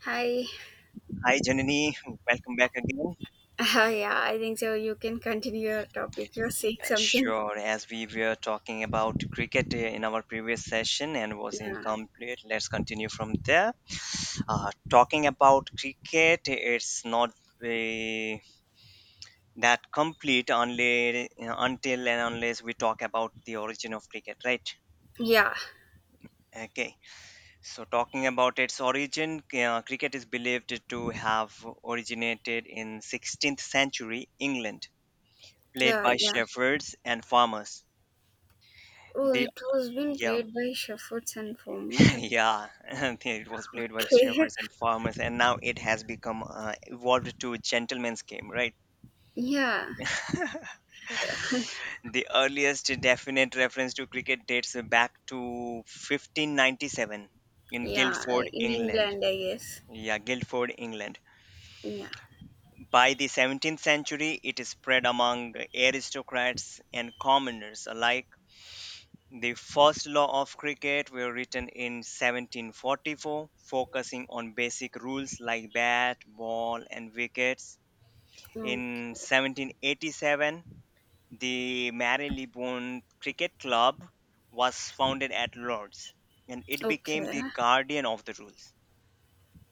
Hi. Hi, Janani. Welcome back again. Yeah, I think so. You can continue your topic. You're saying something. Sure, as we were talking about cricket in our previous session and was Yeah. incomplete, let's continue from there. Talking about cricket, it's not uh, that complete until and unless we talk about the origin of cricket, right? Yeah. Okay, so talking about its origin, cricket is believed to have originated in 16th century England, played Yeah. by Yeah. shepherds and farmers. Oh, The it was being Yeah, played by Shepherds and Former. yeah. It was played by Okay. shepherds and farmers, and now it has become evolved to a gentleman's game, right? yeah. The earliest definite reference to cricket dates back to 1597 in Yeah. Guildford, In England. England, I guess. Yeah, Guildford, England. Yeah. By the 17th century, it is spread among aristocrats and commoners alike. The first law of cricket were written in 1744, focusing on basic rules like bat, ball, and wickets. Mm. In 1787, the Marylebone Cricket Club was founded at Lord's, and it became Okay. the guardian of the rules.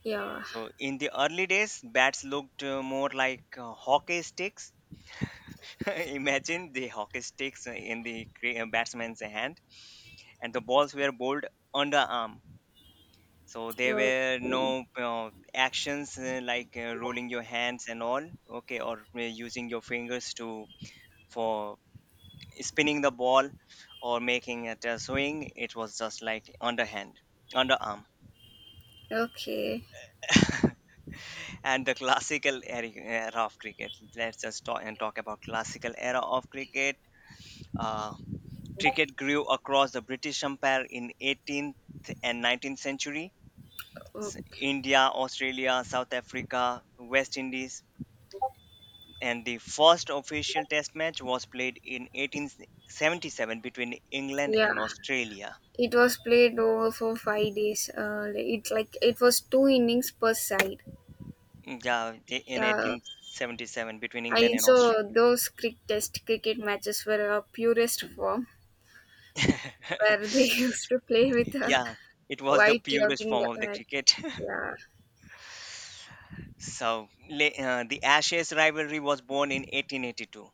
Yeah. So, in the early days, bats looked more like hockey sticks. Imagine the hockey sticks in the batsman's hand, and the balls were bowled underarm. So there Okay. were no actions like rolling your hands and all, okay, or using your fingers to for spinning the ball or making it a swing. It was just like underhand, underarm. Okay. And the classical era of cricket. Let's just talk and talk about classical era of cricket. Uh, Cricket grew across the British Empire in 18th and 19th century. Okay. India, Australia, South Africa, West Indies. And the first official test match was played in 1877 between England Yeah. and Australia. It was played over for 5 days. It's like it was two innings per side. Mm, yeah, in Yeah. 1877 between I England and saw Australia. those crick test cricket matches were a purest form where they used to play with a Yeah, it was the white purest clothing. form of the cricket. yeah, So the Ashes rivalry was born in 1882.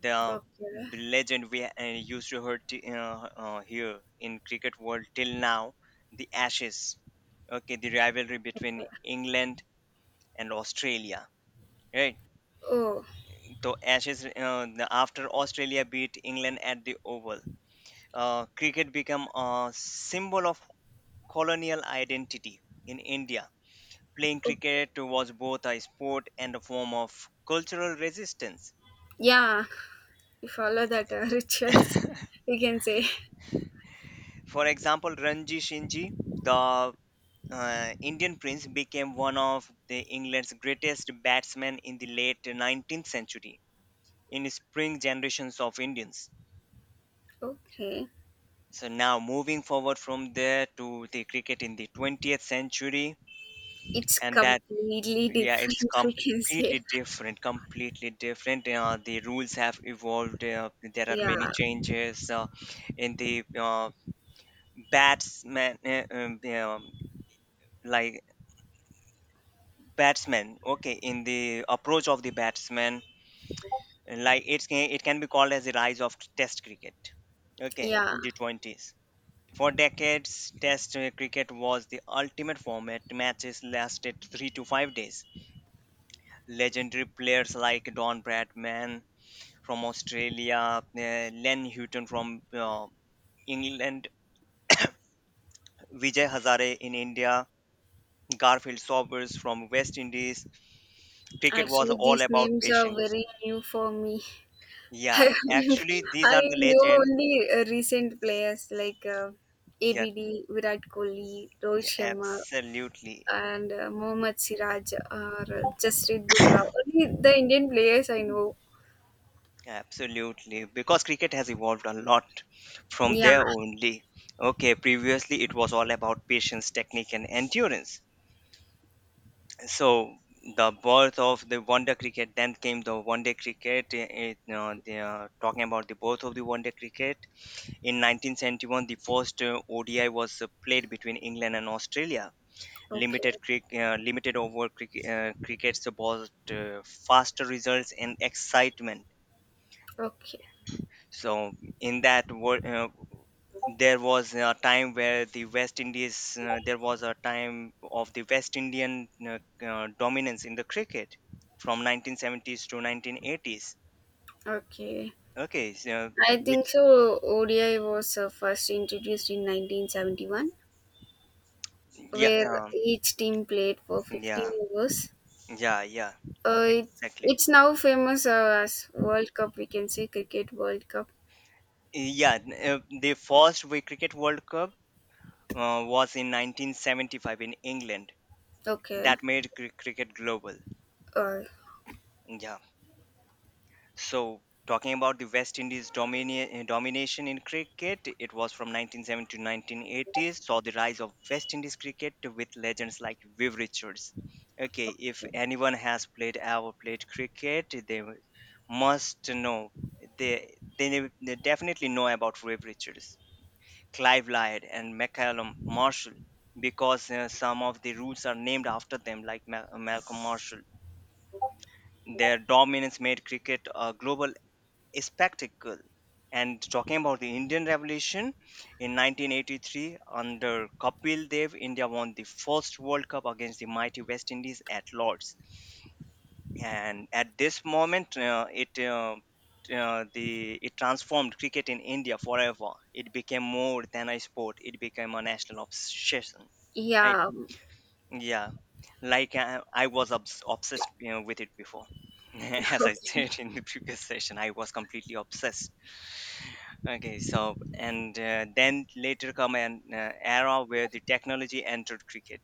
The okay, legend we used to hear, here in cricket world till now, the Ashes. Okay, the rivalry between okay. England and Australia. Right, Oh, so Ashes, after Australia beat England at the Oval, cricket became a symbol of colonial identity in India. Playing oh, cricket was both a sport and a form of cultural resistance. yeah, we follow that rituals, we can say. For example, Ranji Shinji, the Indian prince, became one of the England's greatest batsmen in the late 19th century in spring generations of Indians. Okay, So now moving forward from there to the cricket in the 20th century, it's and that completely yeah, it's different, we can say. completely different, completely different. The rules have evolved. There are many Yeah, changes in the batsman, yeah, like batsman. Okay, in the approach of the batsman, like it can be called as the rise of Test cricket. Okay, yeah. in the 20s. For decades, Test cricket was the ultimate format. Matches lasted 3 to 5 days. Legendary players like Don Bradman from Australia, Len Houghton from England, Vijay Hazare in India, Garfield Sobers from West Indies. Cricket was Actually, all these about names are patience. very new for me. Yeah, I actually, these I are the know legends. only uh, recent players like Yeah, ABD, Virat Kohli, yeah, Rohit Sharma, absolutely. and Mohammad Siraj or Jasprit Bumrah. Only the Indian players I know. Absolutely, because cricket has evolved a lot from Yeah. there only. Okay, previously it was all about patience, technique, and endurance. So the birth of the one day cricket, then came the one day cricket. They are talking about the birth of the one day cricket. In 1971, the first ODI was played between England and Australia. Okay. Limited over cricket, crickets brought faster results and excitement. Okay. So in that world, there was a time of the West Indian dominance in the cricket from 1970s to 1980s. Okay. Okay, so I think which so. ODI was first introduced in 1971, yeah, where each team played for 50 yeah, overs. yeah, yeah, Uh, it, exactly. it's now famous as World Cup. We can say Cricket World Cup. Yeah, the first Cricket World Cup was in 1975 in England. Okay. That made cricket global. Uh, Yeah. So, talking about the West Indies domination in cricket, it was from 1970 to 1980s, saw the rise of West Indies cricket with legends like Viv Richards. Okay, if okay. anyone has played ever played cricket, they must know. They definitely know about Viv Richards, Clive Lloyd, and McCallum Marshall because some of the rules are named after them, like Malcolm Marshall. Their dominance made cricket a spectacle. And talking about the Indian Revolution in 1983, under Kapil Dev, India won the first World Cup against the mighty West Indies at Lords. And at this moment, it transformed cricket in India forever. It became more than a sport. It became a national obsession. Right? yeah, Yeah, like I was obsessed with it before. As I said in the previous session, I was completely obsessed. Okay, so and then later come an era where the technology entered cricket.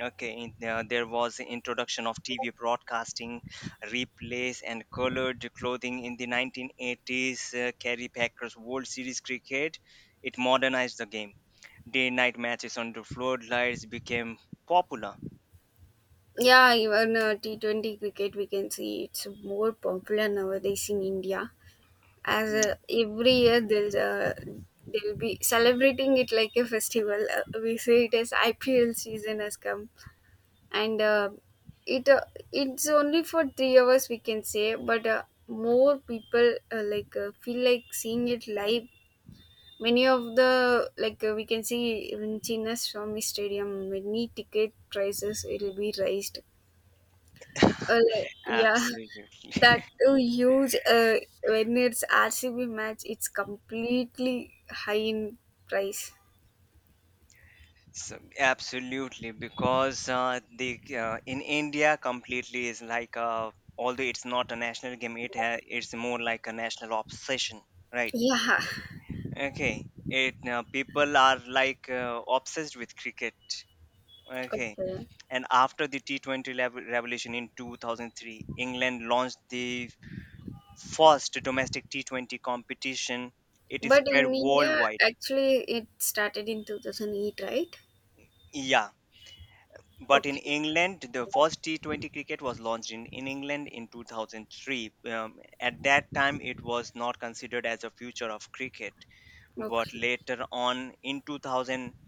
Okay, there was the introduction of TV broadcasting, replays, and colored clothing in the 1980s. Kerry Packer's World Series cricket, it modernized the game. Day-night matches under floodlights became popular. yeah. Even T 20 cricket, we can see it's more popular nowadays in India. As Every year there's they'll be celebrating it like a festival. We say it as IPL season has come, and it uh, it's only for 3 hours we can say, but more people feel like seeing it live. Many of the we can see Rinchina Swami Stadium, many ticket prices will be raised. Uh, Mm. yeah, Absolutely. that too huge. When it's RCB match, it's completely high in price. So absolutely, because the in India completely is like a, although it's not a national game, it's more like a national obsession, right? Yeah, Okay, it people are like obsessed with cricket. Okay, okay. and after the T20 revolution in 2003, England launched the first domestic T20 competition. It is But spread in India, worldwide. actually, it started in 2008, right? Yeah, but in Okay, England, the first T20 cricket was launched in England in 2003. At that time, it was not considered as a future of cricket. But okay. later on, in 2000,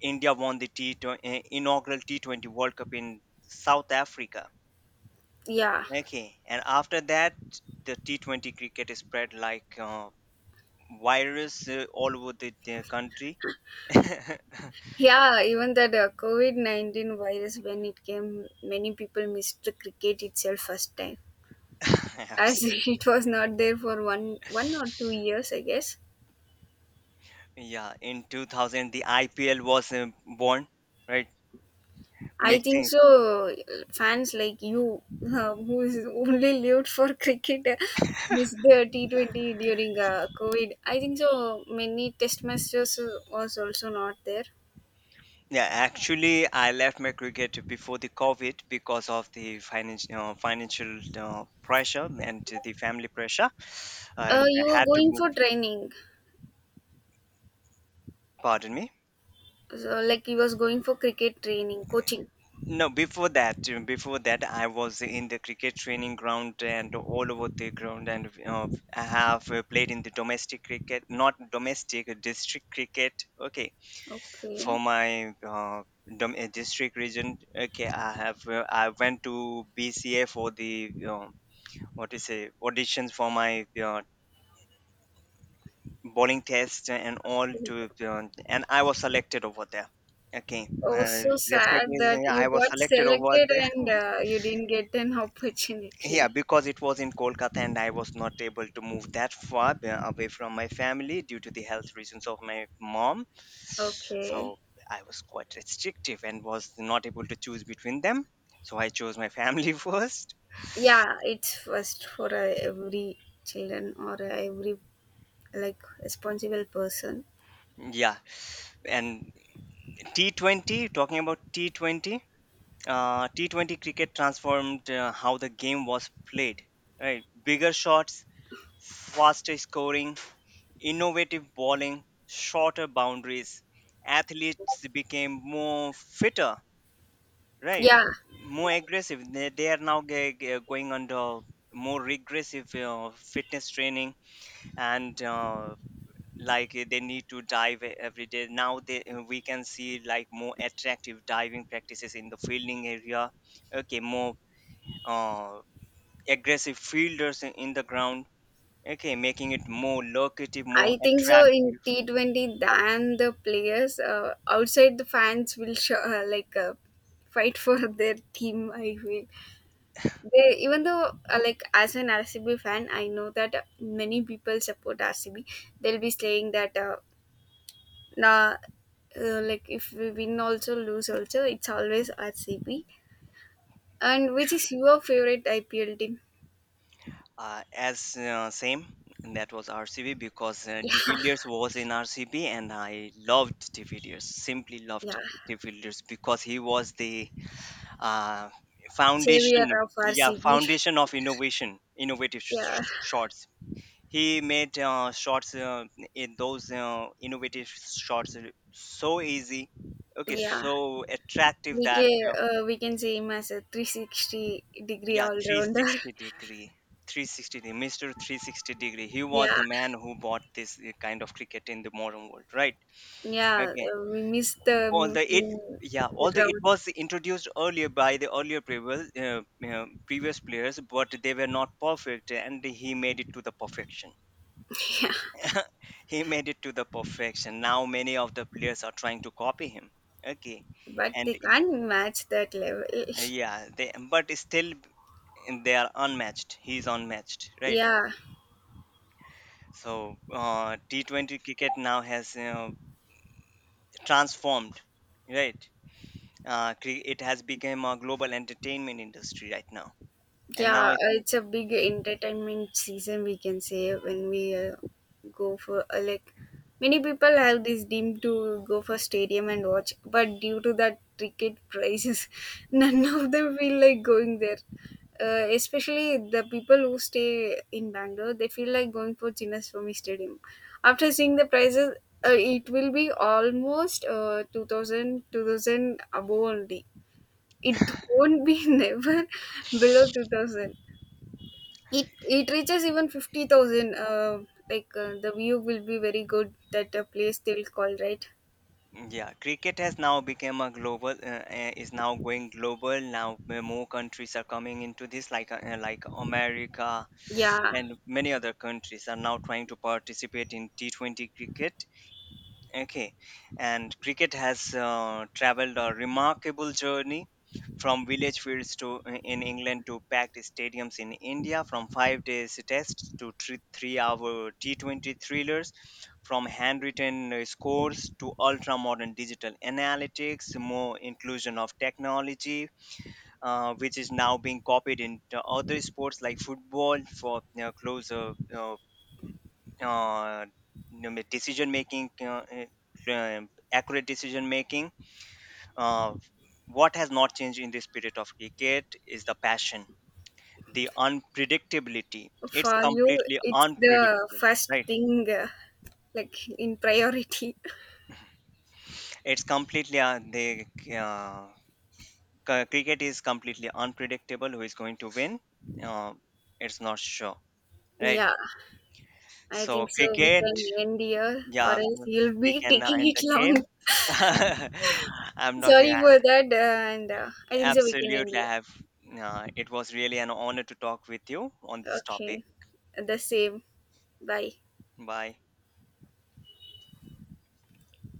India won the T20, inaugural T20 World Cup in South Africa. Yeah, Okay, and after that, the T20 cricket is spread like virus all over the country. yeah. Even that COVID 19 virus, when it came, many people missed the cricket itself first time, as Absolutely. it was not there for one or two years, I guess. Yeah, in 2000, the IPL was born, right? I think Mixing. so fans like you, who is only lived for cricket, missed the T20 during covid. I think so many test matches was also not there. Yeah, actually, I left my cricket before the COVID because of the financial pressure and the family pressure, and You I were had to going move. for training, Pardon me. so like he was going for cricket training coaching. No, before that, I was in the cricket training ground and all over the ground, and I have played in the domestic cricket, not domestic, district cricket. Okay, for Okay, my district region. Okay, I went to BCA for the what is it, auditions for my bowling test and all, to and I was selected over there. Okay, uh, also sad that respectively you I was got selected over selected there. and you didn't get an Yeah, opportunity. because it was in Kolkata and I was not able to move that far away from my family due to the health reasons of my mom. Okay, So I was quite restrictive and was not able to choose between them, so I chose my family first. yeah, it's first for every children or every like responsible person. Yeah, and T20, talking about T20, T20 cricket transformed how the game was played. Right, bigger shots, faster scoring, innovative bowling, shorter boundaries. Athletes became more fitter, right? Yeah, More aggressive. They are now going under more regressive fitness training and like they need to dive every day. Now they we can see like more attractive diving practices in the fielding area. Okay, more uh, aggressive fielders in the ground. Okay, making it more lucrative, more I think so in attractive. T20 than the players outside, the fans will show, fight for their team, I feel. They, even though like as an rcb fan, I know that many people support rcb. They'll be saying that nah, like if we win also lose also, it's always rcb. And which is your favorite IPL team? As same, and that was RCB because De Villiers was in RCB, and I loved De Villiers. Simply Yeah, loved yeah. De Villiers because he was the uh, Savior foundation, of yeah, RCB. foundation of innovation, innovative Yeah, shots. He made shots in those innovative shots so easy, okay, yeah. so attractive that. We can see him as a 360-degree Yeah, all rounder. 360 degree. 360 degree. Mr. 360 degree. He was Yeah, the man who bought this kind of cricket in the modern world, right? yeah. Okay. We missed Although him it, yeah, the although it ground. was introduced earlier by the earlier previous players, but they were not perfect, and he made it to the perfection. Yeah, He made it to the perfection. Now many of the players are trying to copy him. Okay, but they and can't match that level. Yeah, they but still, and they are unmatched. He is unmatched, right? Yeah. So T20 cricket now has transformed, right? It has become a global entertainment industry right now, and now Yeah, it's it's a big entertainment season we can say when we go for many people have this dream to go for stadium and watch, but due to that ticket prices, none of them feel like going there. Especially the people who stay in Bangalore, they feel like going for Chinnaswamy Stadium. After seeing the prices, it will be almost 2000, above only. It won't be never below 2000. It reaches even 50,000, the view will be very good that a place they'll call, right? m- yeah, cricket has now become a global is now going global. Now more countries are coming into this, like America Yeah, and many other countries are now trying to participate in T20 cricket. Okay, and cricket has traveled a remarkable journey from village fields to in England to packed stadiums in India, from 5 days tests to three-hour T20 thrillers, from handwritten scores to ultra-modern digital analytics, more inclusion of technology, which is now being copied into other sports like football for closer uh, you decision making, accurate decision making. Uh, what has not changed in the spirit of cricket is the passion, the unpredictability. It's for you completely it's the unpredictable, first right? thing, like in priority. It's completely the uh, cr- Cricket is completely unpredictable. Who is going to win? Uh, it's not sure, right? Yeah, I think So so we cricket, can end here or yeah, else you'll be we can taking end it the long. game. I'm not Sorry for that, and I think so we can end Absolutely, I here. have. It was really an honor to talk with you on this topic. Okay, the same. Bye. Bye.